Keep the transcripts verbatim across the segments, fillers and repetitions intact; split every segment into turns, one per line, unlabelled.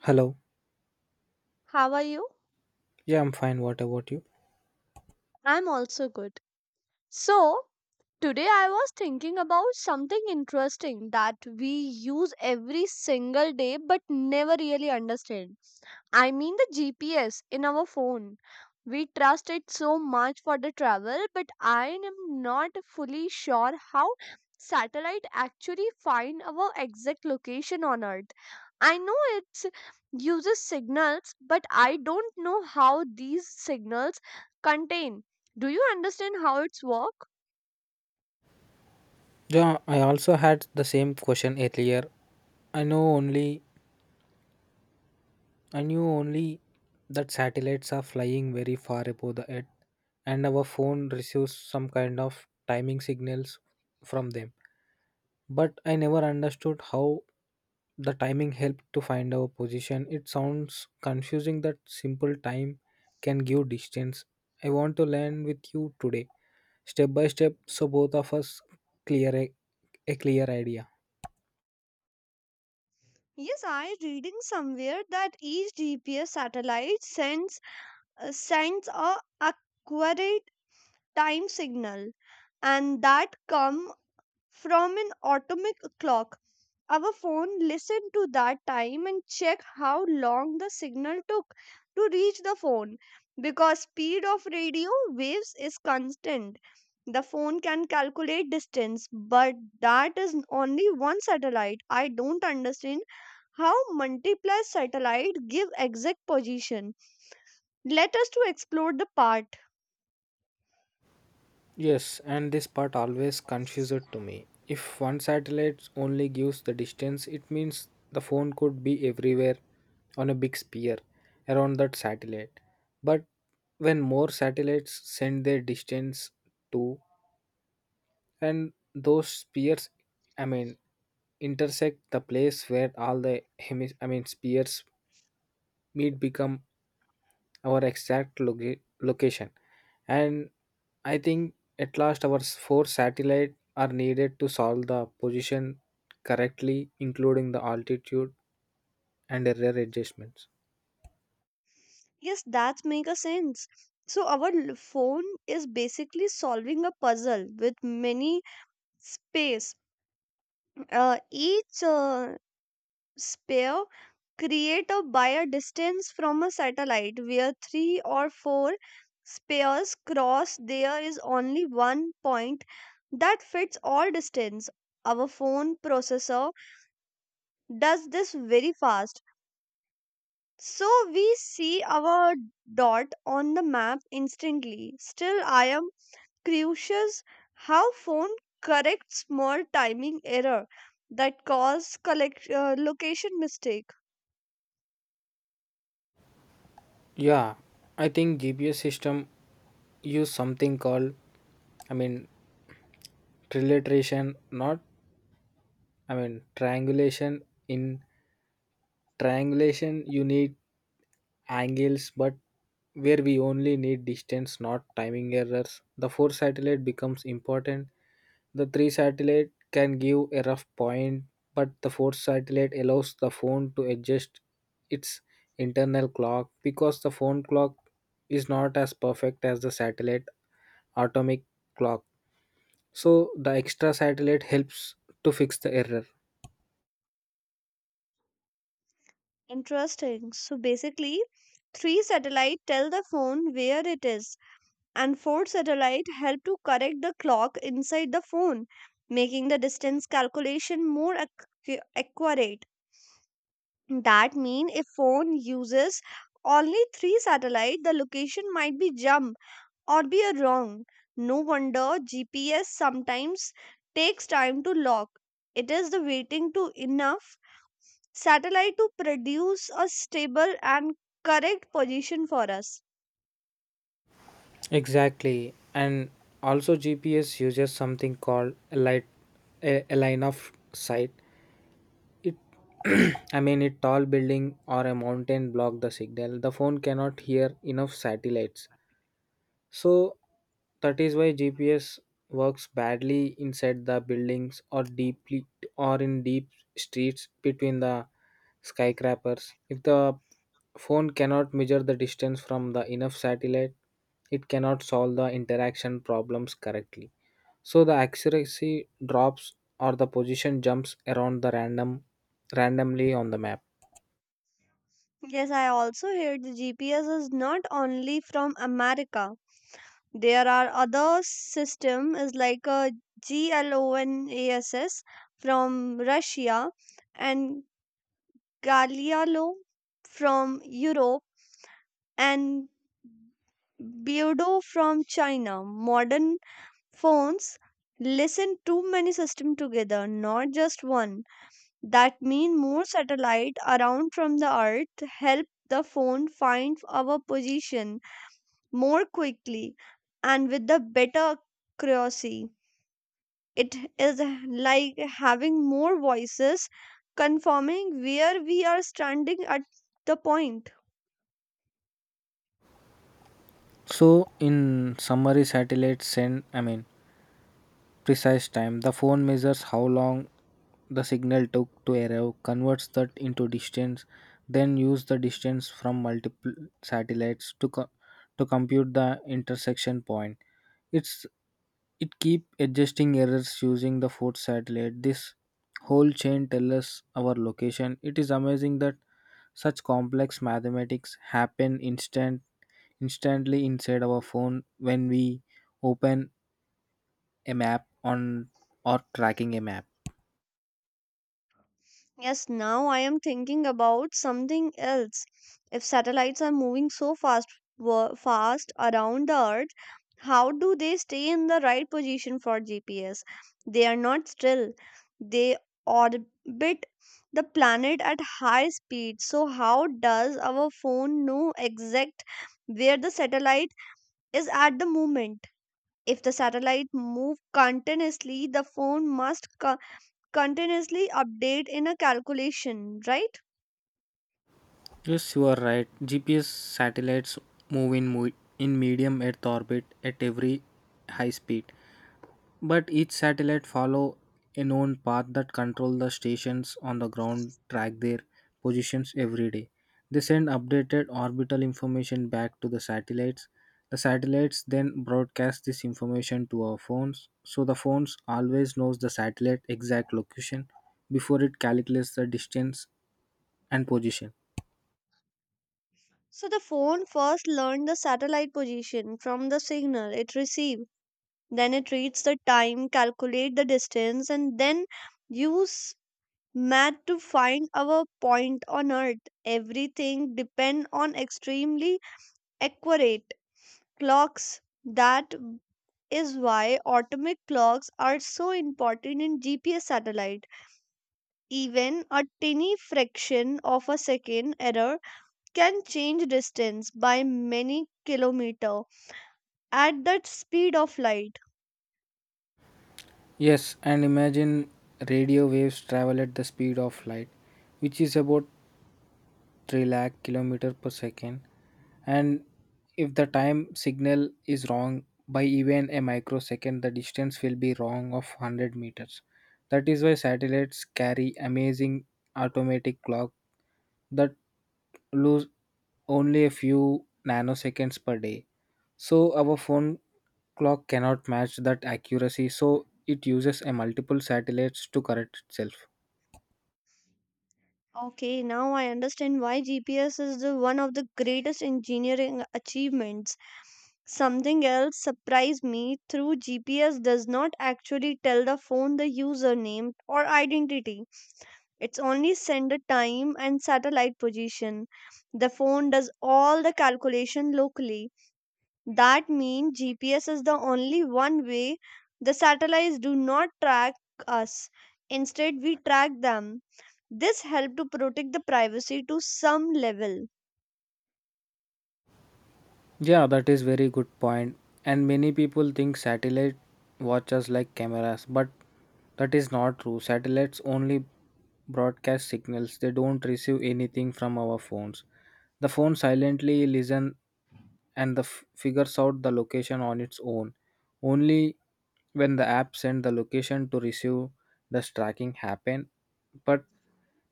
Hello.
How are you?
Yeah, I'm fine. What about you?
I'm also good. So, today I was thinking about something interesting that we use every single day but never really understand. I mean the G P S in our phone. We trust it so much for the travel, but I am not fully sure how satellite actually find our exact location on Earth. I know it uses signals, but I don't know how these signals contain. Do you understand how it's work?
Yeah, I also had the same question earlier. I know only I knew only that satellites are flying very far above the earth, and our phone receives some kind of timing signals from them. But I never understood how the timing helped to find our position. It sounds confusing that simple time can give distance. I want to learn with you today step by step so both of us clear a, a clear idea.
Yes, I reading somewhere that each G P S satellite sends uh, sends a accurate time signal and that come from an atomic clock. Our phone listened to that time and check how long the signal took to reach the phone because speed of radio waves is constant. The phone can calculate distance, but that is only one satellite. I don't understand how multiple satellite give exact position. Let us to explore the part.
Yes, and this part always confuses to me. If one satellite only gives the distance, it means the phone could be everywhere on a big sphere around that satellite. But when more satellites send their distance to and those spheres, I mean, intersect, the place where all the hemis I mean, spheres meet become our exact loca- location. And I think at last our s- four satellite are needed to solve the position correctly, including the altitude and error adjustments.
Yes, that makes a sense. So our l- phone is basically solving a puzzle with many space. Uh, each uh, sphere created by a distance from a satellite, where three or four spheres cross. There is only one point that fits all distance. Our phone processor does this very fast. So we see our dot on the map instantly. Still, I am crucials how phone corrects small timing error that cause collect, uh, location mistake.
Yeah, I think GPS system use something called, I mean, trilateration, not, I mean, triangulation. In triangulation you need angles, but where we only need distance, not timing errors. The four satellite becomes important. The three satellite can give a rough point, but the fourth satellite allows the phone to adjust its internal clock because the phone clock is not as perfect as the satellite atomic clock. So the extra satellite helps to fix the error.
Interesting, so basically three satellite tell the phone where it is and four satellite help to correct the clock inside the phone making the distance calculation more accu- accurate. That mean if phone uses only three satellite the location might be jump or be a wrong. No wonder G P S sometimes takes time to lock. It is the waiting to enough satellite to produce a stable and correct position for us.
Exactly. And also G P S uses something called a light a, a line of sight. It I mean a tall building or a mountain block the signal. The phone cannot hear enough satellites. So that is why G P S works badly inside the buildings or deeply or in deep streets between the skyscrapers. If the phone cannot measure the distance from the enough satellite, it cannot solve the interaction problems correctly. So the accuracy drops or the position jumps around the random randomly on the map.
Yes, I also heard the G P S is not only from America. There are other system is like a GLONASS from Russia and Galileo from Europe and Beardo from China. Modern phones listen too many systems together, not just one. That means more satellite around from the earth help the phone find our position more quickly and with the better accuracy. It is like having more voices confirming where we are standing at the point.
So in summary, satellites send, I mean, precise time. The phone measures how long the signal took to arrive, converts that into distance, then use the distance from multiple satellites to co- to compute the intersection point. It's it keep adjusting errors using the fourth satellite. This whole chain tells us our location. It is amazing that such complex mathematics happen instant instantly inside our phone when we open a map on or tracking a map.
Yes, now I am thinking about something else. If satellites are moving so fast wo- fast around the earth, how do they stay in the right position for G P S? They are not still. They orbit the planet at high speed. So how does our phone know exact where the satellite is at the moment? If the satellite move continuously, the phone must continuously update in a calculation, right?
Yes, you are right. G P S satellites move in mo- in medium Earth orbit at every high speed. But each satellite follow a known path that control the stations on the ground track their positions every day. They send updated orbital information back to the satellites. The satellites then broadcast this information to our phones, so the phones always knows the satellite exact location before it calculates the distance and position.
So the phone first learned the satellite position from the signal it received. Then it reads the time, calculate the distance, and then use math to find our point on Earth. Everything depend on extremely accurate clocks. That is why atomic clocks are so important in G P S satellite. Even a tiny fraction of a second error can change distance by many kilometer at the speed of light.
Yes, and imagine, radio waves travel at the speed of light, which is about three lakh kilometer per second. And if the time signal is wrong by even a microsecond, the distance will be wrong of one hundred meters. That is why satellites carry amazing automatic clock that lose only a few nanoseconds per day, so our phone clock cannot match that accuracy, so it uses a multiple satellites to correct itself.
Okay, now I understand why G P S is the one of the greatest engineering achievements. Something else surprised me through G P S does not actually tell the phone the username or identity. It's only send the time and satellite position. The phone does all the calculation locally. That means G P S is the only one way the satellites do not track us. Instead, we track them. This helps to protect the privacy to some level.
Yeah, that is very good point. And many people think satellite watches like cameras, but that is not true. Satellites only broadcast signals. They don't receive anything from our phones. The phone silently listen and the f- figures out the location on its own. Only when the app send the location to receive does tracking happen, but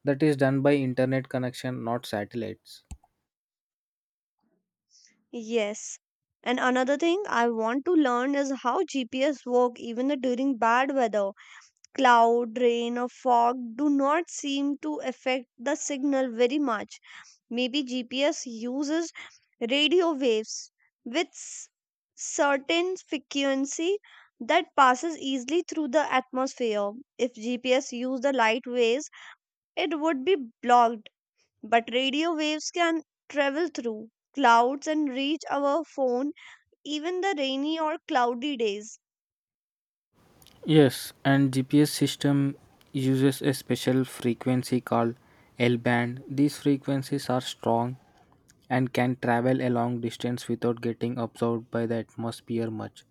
that is done by internet connection, not satellites.
Yes. And another thing I want to learn is how G P S work even during bad weather. Cloud, rain or fog do not seem to affect the signal very much. Maybe G P S uses radio waves with s- certain frequency that passes easily through the atmosphere. If G P S used the light waves, it would be blocked, but radio waves can travel through clouds and reach our phone even the rainy or cloudy days.
Yes, and G P S system uses a special frequency called L band. These frequencies are strong and can travel a long distance without getting absorbed by the atmosphere much.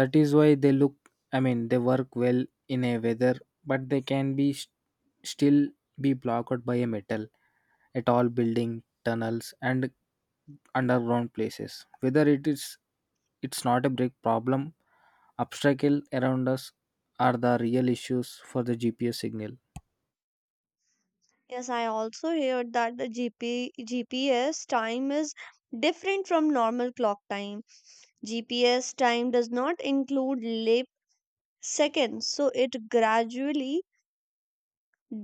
That is why they look, I mean, they work well in a weather, but they can be st- still be blocked by a metal at all building tunnels and underground places, whether it is, it's not a big problem. Obstacle around us are the real issues for the GPS signal.
Yes, I also heard that the GP, G P S time is different from normal clock time. G P S time does not include lap Second, so it gradually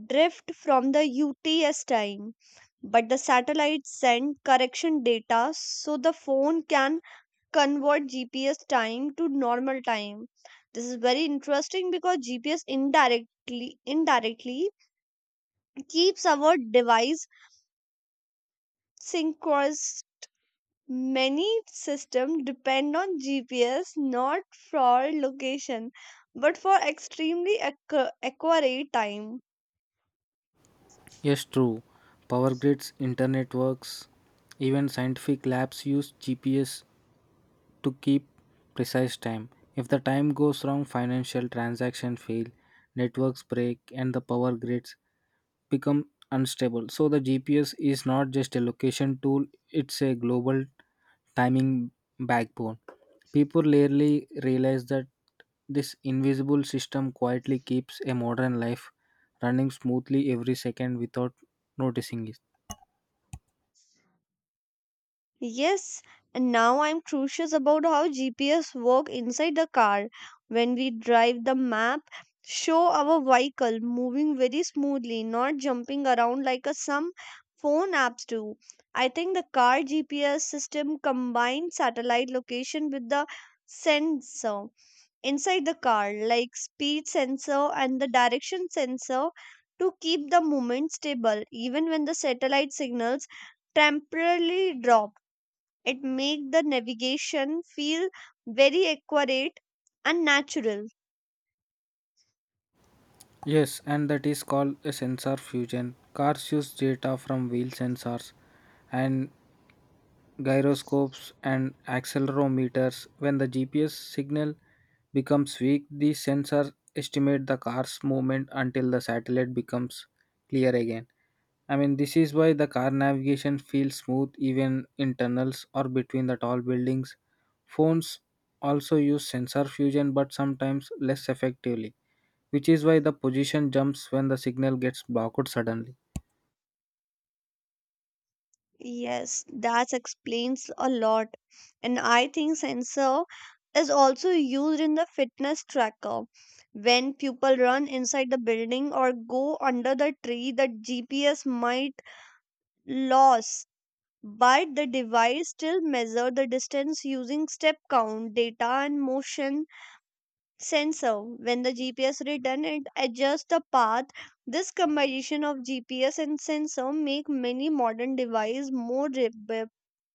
drift from the U T S time. But the satellite send correction data so the phone can convert G P S time to normal time. This is very interesting because G P S indirectly indirectly keeps our device synchronous. Many systems depend on G P S not for location but for extremely accu- accurate time.
Yes, true. Power grids, internet works, even scientific labs use GPS to keep precise time. If the time goes wrong, financial transactions fail, networks break, and the power grids become unstable. So the G P S is not just a location tool, it's a global timing backbone. People rarely realize that this invisible system quietly keeps a modern life running smoothly every second without noticing it.
Yes, and now I'm curious about how G P S work inside the car. When we drive, the map show our vehicle moving very smoothly, not jumping around like a, some phone apps do. I think the car G P S system combines satellite location with the sensor inside the car, like speed sensor and the direction sensor, to keep the movement stable even when the satellite signals temporarily drop. It make the navigation feel very accurate and natural.
Yes, and that is called a sensor fusion. Cars use data from wheel sensors and gyroscopes and accelerometers. When the G P S signal becomes weak, the sensors estimate the car's movement until the satellite becomes clear again. I mean, this is why the car navigation feels smooth even in tunnels or between the tall buildings. Phones also use sensor fusion but sometimes less effectively, which is why the position jumps when the signal gets blocked suddenly.
Yes, that explains a lot. And I think sensor is also used in the fitness tracker when people run inside the building or go under the tree the GPS might lose, but the device still measure the distance using step count data and motion sensor. When the GPS return it adjusts the path. This combination of GPS and sensor make many modern devices more rebe-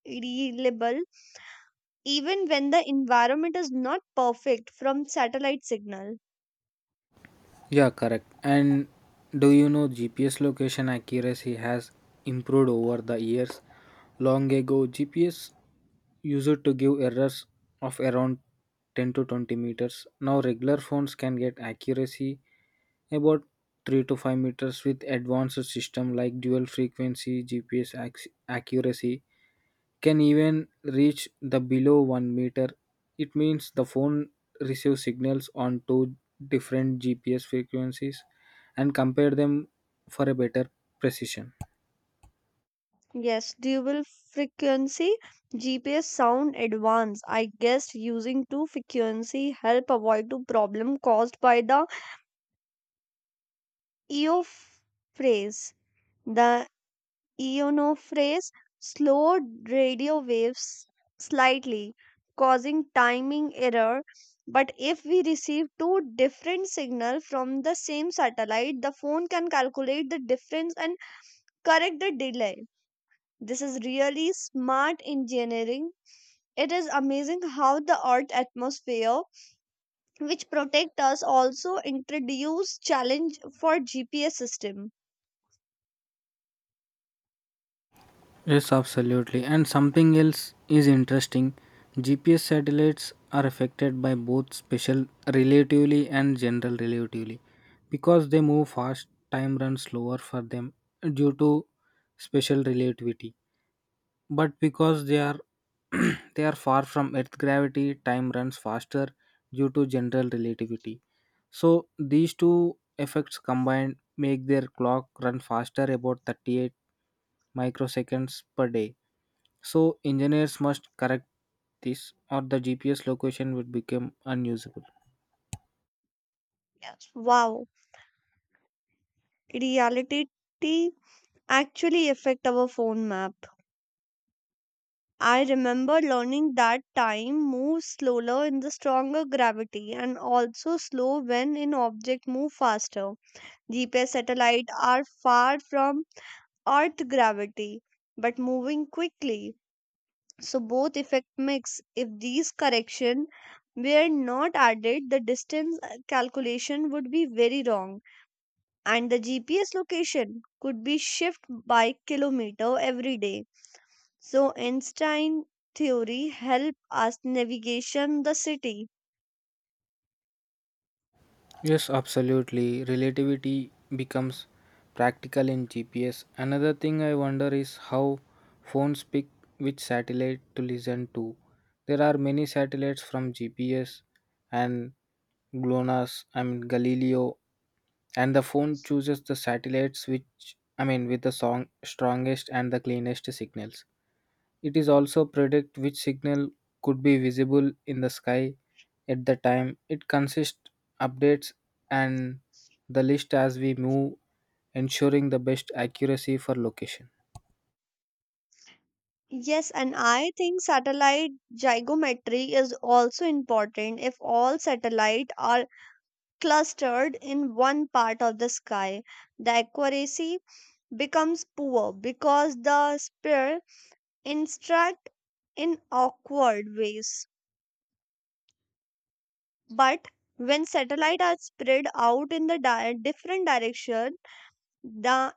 reliable even when the environment is not perfect from satellite signal.
Yeah, correct. And do you know G P S location accuracy has improved over the years? Long ago, G P S used to give errors of around ten to twenty meters. Now, regular phones can get accuracy about three to five meters. With advanced system like dual frequency G P S, acc- accuracy can even reach the below one meter. It means the phone receives signals on two different G P S frequencies and compare them for a better precision.
Yes, dual frequency GPS sound advanced. I guess using two frequency help avoid the problem caused by the E O phrase. The ionophores slowed radio waves slightly, causing timing error. But if we receive two different signals from the same satellite, the phone can calculate the difference and correct the delay. This is really smart engineering. It is amazing how the Earth atmosphere, which protect us, also introduce challenge for G P S system.
Yes, absolutely. And something else is interesting. G P S satellites are affected by both special relativity and general relativity. Because they move fast, time runs slower for them due to special relativity. But because they are they are far from earth gravity, time runs faster due to general relativity. So these two effects combined make their clock run faster about thirty-eight microseconds per day. So engineers must correct this or the GPS location would become unusable.
Yes. Wow, reality actually affect our phone map. I remember learning that time moves slower in the stronger gravity and also slow when an object move faster. G P S satellites are far from Earth gravity but moving quickly. So both effect mix. If these correction were not added, the distance uh, calculation would be very wrong and the G P S location could be shifted by kilometer every day. So Einstein theory help us navigation the city.
Yes, absolutely. Relativity becomes practical in G P S. Another thing I wonder is how phones pick which satellite to listen to. There are many satellites from G P S and GLONASS, I mean Galileo, and the phone chooses the satellites which, I mean, with the song strongest and the cleanest signals. It is also predict which signal could be visible in the sky at the time. It consists updates and the list as we move, ensuring the best accuracy for location.
Yes, and I think satellite geometry is also important if all satellite are clustered in one part of the sky. The accuracy becomes poor because the sphere instruct in awkward ways. But when satellites are spread out in the di- different direction, the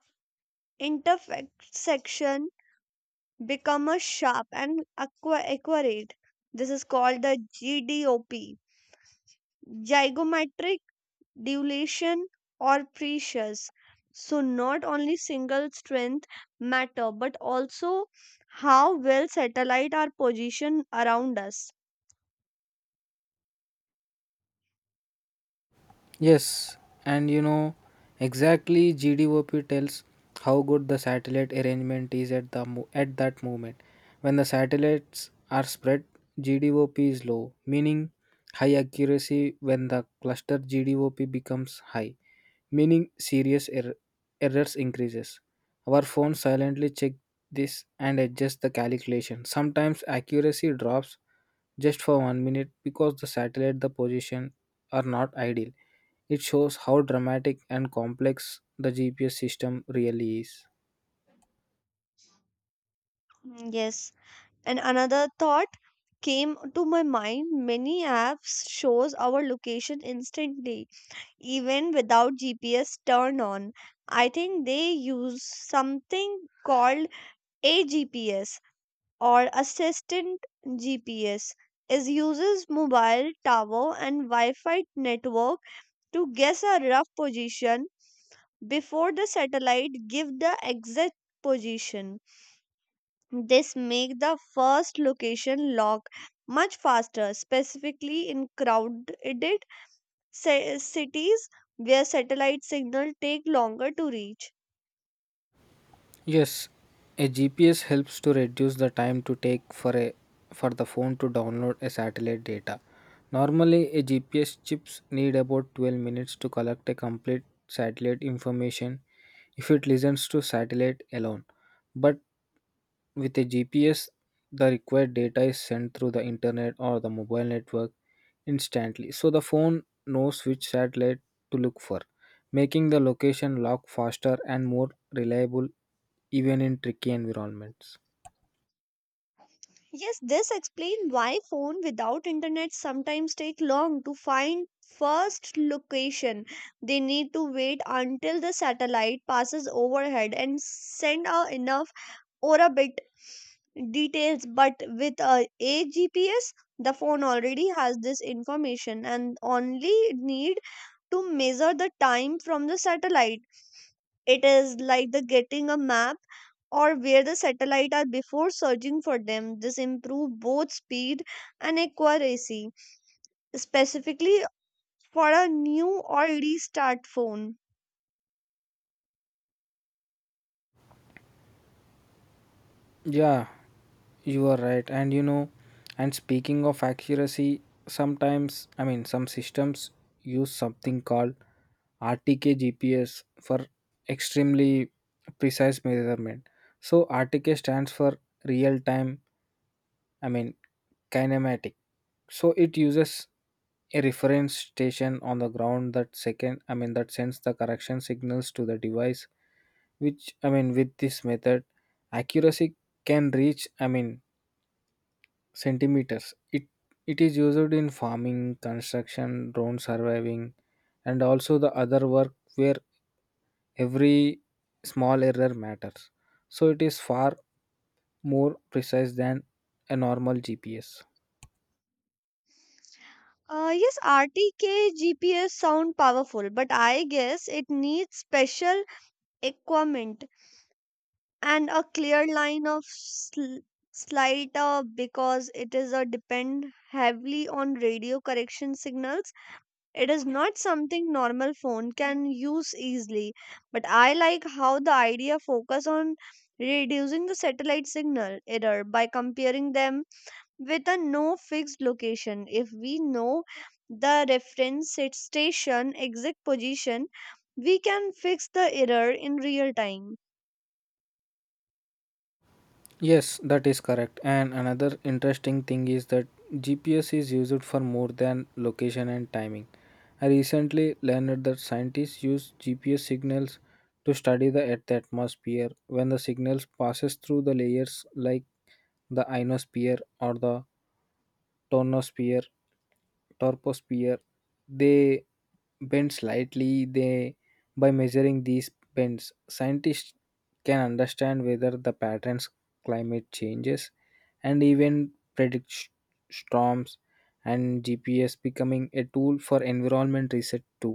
intersection become a sharp and aqua- accurate. This is called the G D O P, Zygomatic Dilution or Precious. So not only single strength matter, but also how well satellite are positioned around us.
Yes, and you know exactly G D O P tells how good the satellite arrangement is at the mo- at that moment. When the satellites are spread, G D O P is low, meaning high accuracy. When the cluster G D O P becomes high, meaning serious error errors increases. Our phone silently check this and adjust the calculation. Sometimes accuracy drops just for one minute because the satellite the position are not ideal. It shows how dramatic and complex the G P S system really is.
Mm, yes, and another thought came to my mind. Many apps shows our location instantly even without G P S turned on. I think they use something called a G P S or assistant G P S. It uses mobile tower and Wi-Fi network to guess a rough position before the satellite give the exact position. This make the first location lock much faster, specifically in crowded ci- cities where satellite signal take longer to reach.
Yes, a G P S helps to reduce the time to take for a for the phone to download a satellite data. Normally, a G P S chips need about twelve minutes to collect a complete satellite information if it listens to satellite alone. But with a G P S, the required data is sent through the internet or the mobile network instantly. So the phone knows which satellite to look for, making the location lock faster and more reliable even in tricky environments.
Yes, this explains why phone without internet sometimes take long to find first location. They need to wait until the satellite passes overhead and send out enough orbit details. But with a, a G P S, the phone already has this information and only need to measure the time from the satellite. It is like the getting a map or where the satellite are before searching for them. This improves both speed and accuracy, specifically for a new or restart phone.
Yeah, you are right. And you know, and speaking of accuracy, sometimes, I mean, some systems use something called R T K G P S for extremely precise measurement. So, R T K stands for real time, I mean, kinematic. So it uses a reference station on the ground that second, I mean, that sends the correction signals to the device which, I mean, with this method accuracy can reach, I mean, centimeters. It it is used in farming, construction, drone surviving, and also the other work where every small error matters. So it is far more precise than a normal G P S.
Uh, yes, R T K G P S sound powerful, but I guess it needs special equipment and a clear line of sl- slight uh, because it is a depend heavily on radio correction signals. It is not something normal phone can use easily, but I like how the idea focus on reducing the satellite signal error by comparing them with a no fixed location. If we know the reference set- station exact position, we can fix the error in real time.
Yes, that is correct. And another interesting thing is that G P S is used for more than location and timing. I recently learned that scientists use G P S signals to study the Earth atmosphere. When the signals passes through the layers like the ionosphere or the tonosphere troposphere, they bend slightly. They By measuring these bends, scientists can understand whether the patterns, climate changes, and even predict sh- storms. And GPS becoming a tool for environment research too.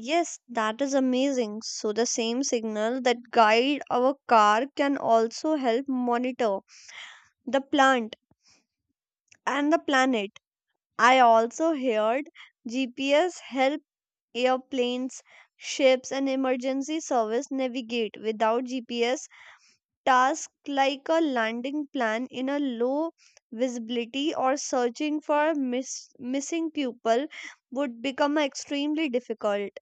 Yes, that is amazing. So the same signal that guide our car can also help monitor the plant and the planet. I also heard G P S help airplanes, ships, and emergency service navigate without G P S. Tasks like a landing plan in a low visibility or searching for miss- missing people would become extremely difficult.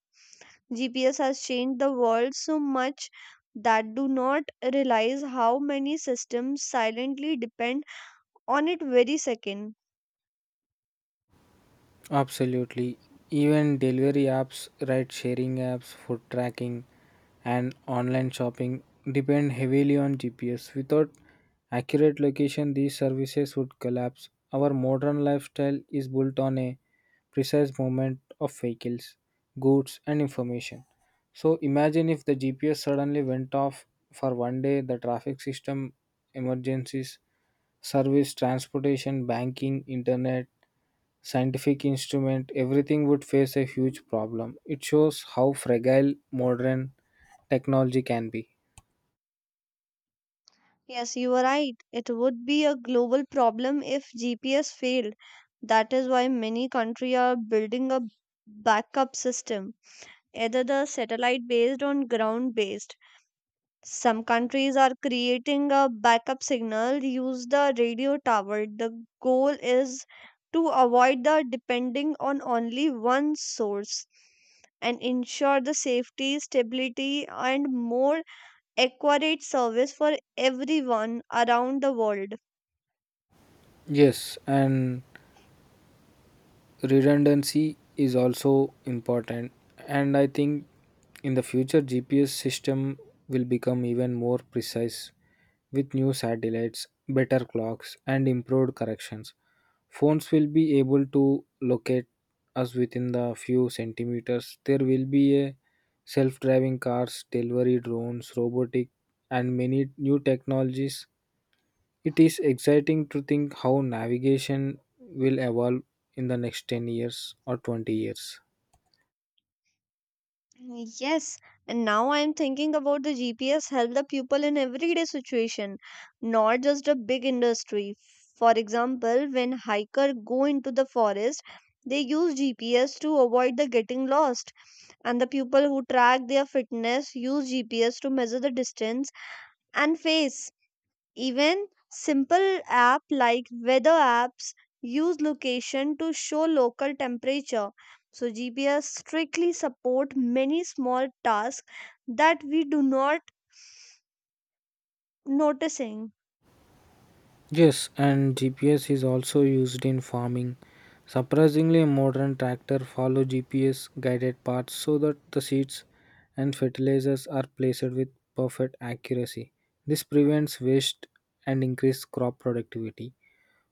G P S has changed the world so much that do not realize how many systems silently depend on it very second.
Absolutely. Even delivery apps, ride sharing apps, food tracking, and online shopping depend heavily on G P S. Without accurate location, these services would collapse. Our modern lifestyle is built on a precise movement of vehicles, goods, and information. So imagine if the G P S suddenly went off for one day, the traffic system, emergencies, service, transportation, banking, internet, scientific instrument, everything would face a huge problem. It shows how fragile modern technology can be.
Yes, you are right. It would be a global problem if G P S failed. That is why many countries are building a backup system, either the satellite based or ground based. Some countries are creating a backup signal, use the radio tower. The goal is to avoid the depending on only one source and ensure the safety, stability, and more accurate service for everyone around the world.
Yes, and redundancy is also important. And I think in the future GPS system will become even more precise with new satellites, better clocks, and improved corrections. Phones will be able to locate us within the few centimeters. There will be a self-driving cars, delivery drones, robotic, and many new technologies. It is exciting to think how navigation will evolve in the next ten years or twenty years.
Yes, and now I am thinking about the G P S help the people in everyday situation, not just a big industry. For example, when hiker go into the forest, they use G P S to avoid the getting lost, and the people who track their fitness use G P S to measure the distance and pace. Even simple app like weather apps use location to show local temperature. So G P S strictly support many small tasks that we do not noticing.
Yes, and G P S is also used in farming. Surprisingly, modern tractor follow G P S guided paths so that the seeds and fertilizers are placed with perfect accuracy. This prevents waste and increases crop productivity.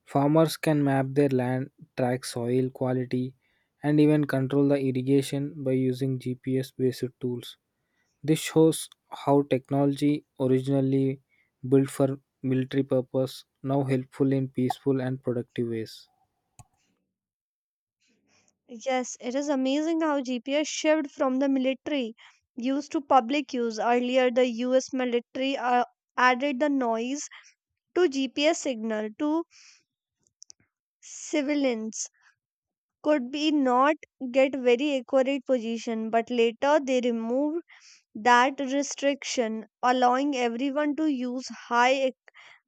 Farmers can map their land, track soil quality, and even control the irrigation by using G P S based tools. This shows how technology, originally built for military purpose, now helpful in peaceful and productive ways.
Yes, it is amazing how G P S shifted from the military use to public use. Earlier, the U S military uh, added the noise to G P S signal to civilians. Could be not get very accurate position, but later they removed that restriction allowing everyone to use high ac-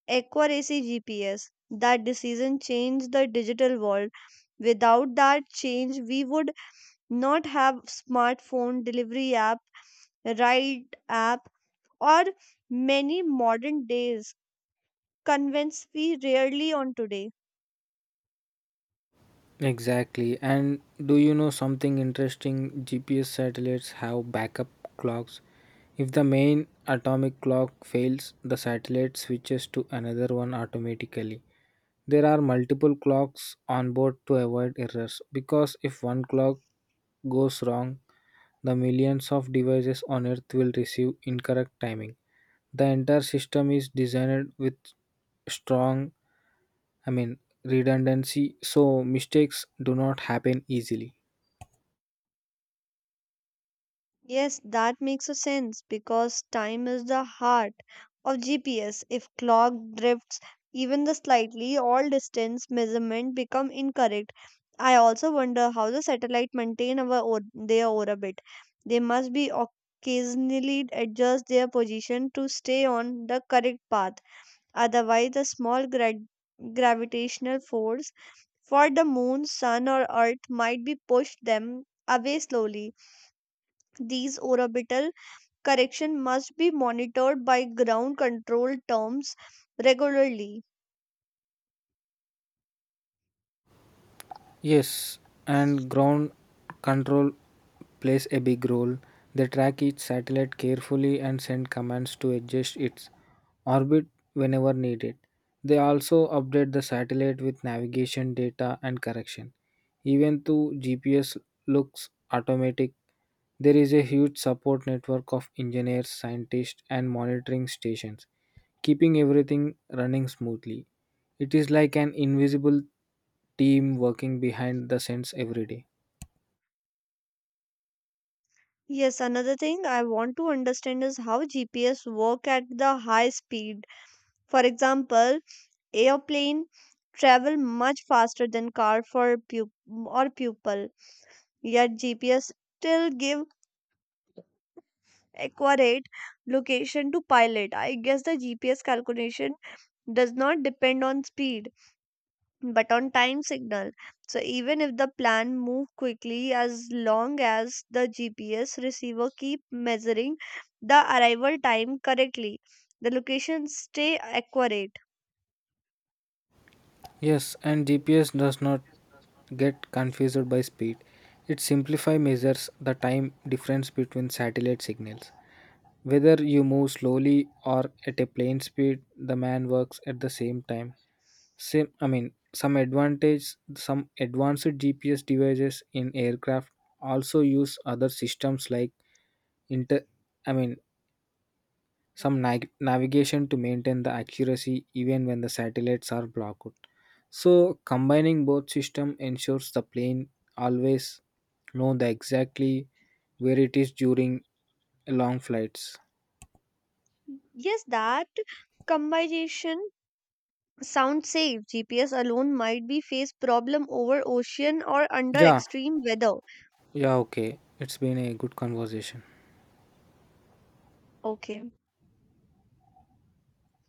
accuracy GPS. That decision changed the digital world. Without that change we would not have smartphone delivery app, ride app, or many modern days convenience we rarely on today.
Exactly. And do you know something interesting? G P S satellites have backup clocks. If the main atomic clock fails, the satellite switches to another one automatically. There are multiple clocks on board to avoid errors because if one clock goes wrong, the millions of devices on Earth will receive incorrect timing. The entire system is designed with strong, I mean, redundancy, so mistakes do not happen easily.
Yes, that makes a sense because time is the heart of G P S. If clock drifts even the slightly, all distance measurement become incorrect. I also wonder how the satellite maintain our or- their orbit. They must be occasionally adjust their position to stay on the correct path. Otherwise, the small gra- gravitational force for the moon, sun, or earth might be pushed them away slowly. These orbital correction must be monitored by ground control terms regularly.
Yes, and ground control plays a big role. They track each satellite carefully and send commands to adjust its orbit whenever needed. They also update the satellite with navigation data and correction. Even though G P S looks automatic, there is a huge support network of engineers, scientists, and monitoring stations keeping everything running smoothly. It is like an invisible team working behind the scenes every day.
Yes, another thing I want to understand is how G P S work at the high speed. For example, airplane travel much faster than car for pu- or pupil. Yet G P S still give accurate location to pilot. I guess the G P S calculation does not depend on speed, but on time signal. So even if the plan move quickly as long as the G P S receiver keep measuring the arrival time correctly, the location stay accurate.
Yes, and G P S does not get confused by speed. It simplifies measures the time difference between satellite signals. Whether you move slowly or at a plane speed, the man works at the same time. Same, I mean, some advantage, some advanced G P S devices in aircraft also use other systems like inter, I mean, some nag navigation to maintain the accuracy even when the satellites are blocked. So combining both system ensures the plane always know the exactly where it is during long flights.
Yes, that combination sounds safe. G P S alone might be face problem over ocean or under
Yeah,
extreme weather.
yeah, okay. It's been a good conversation.
Okay.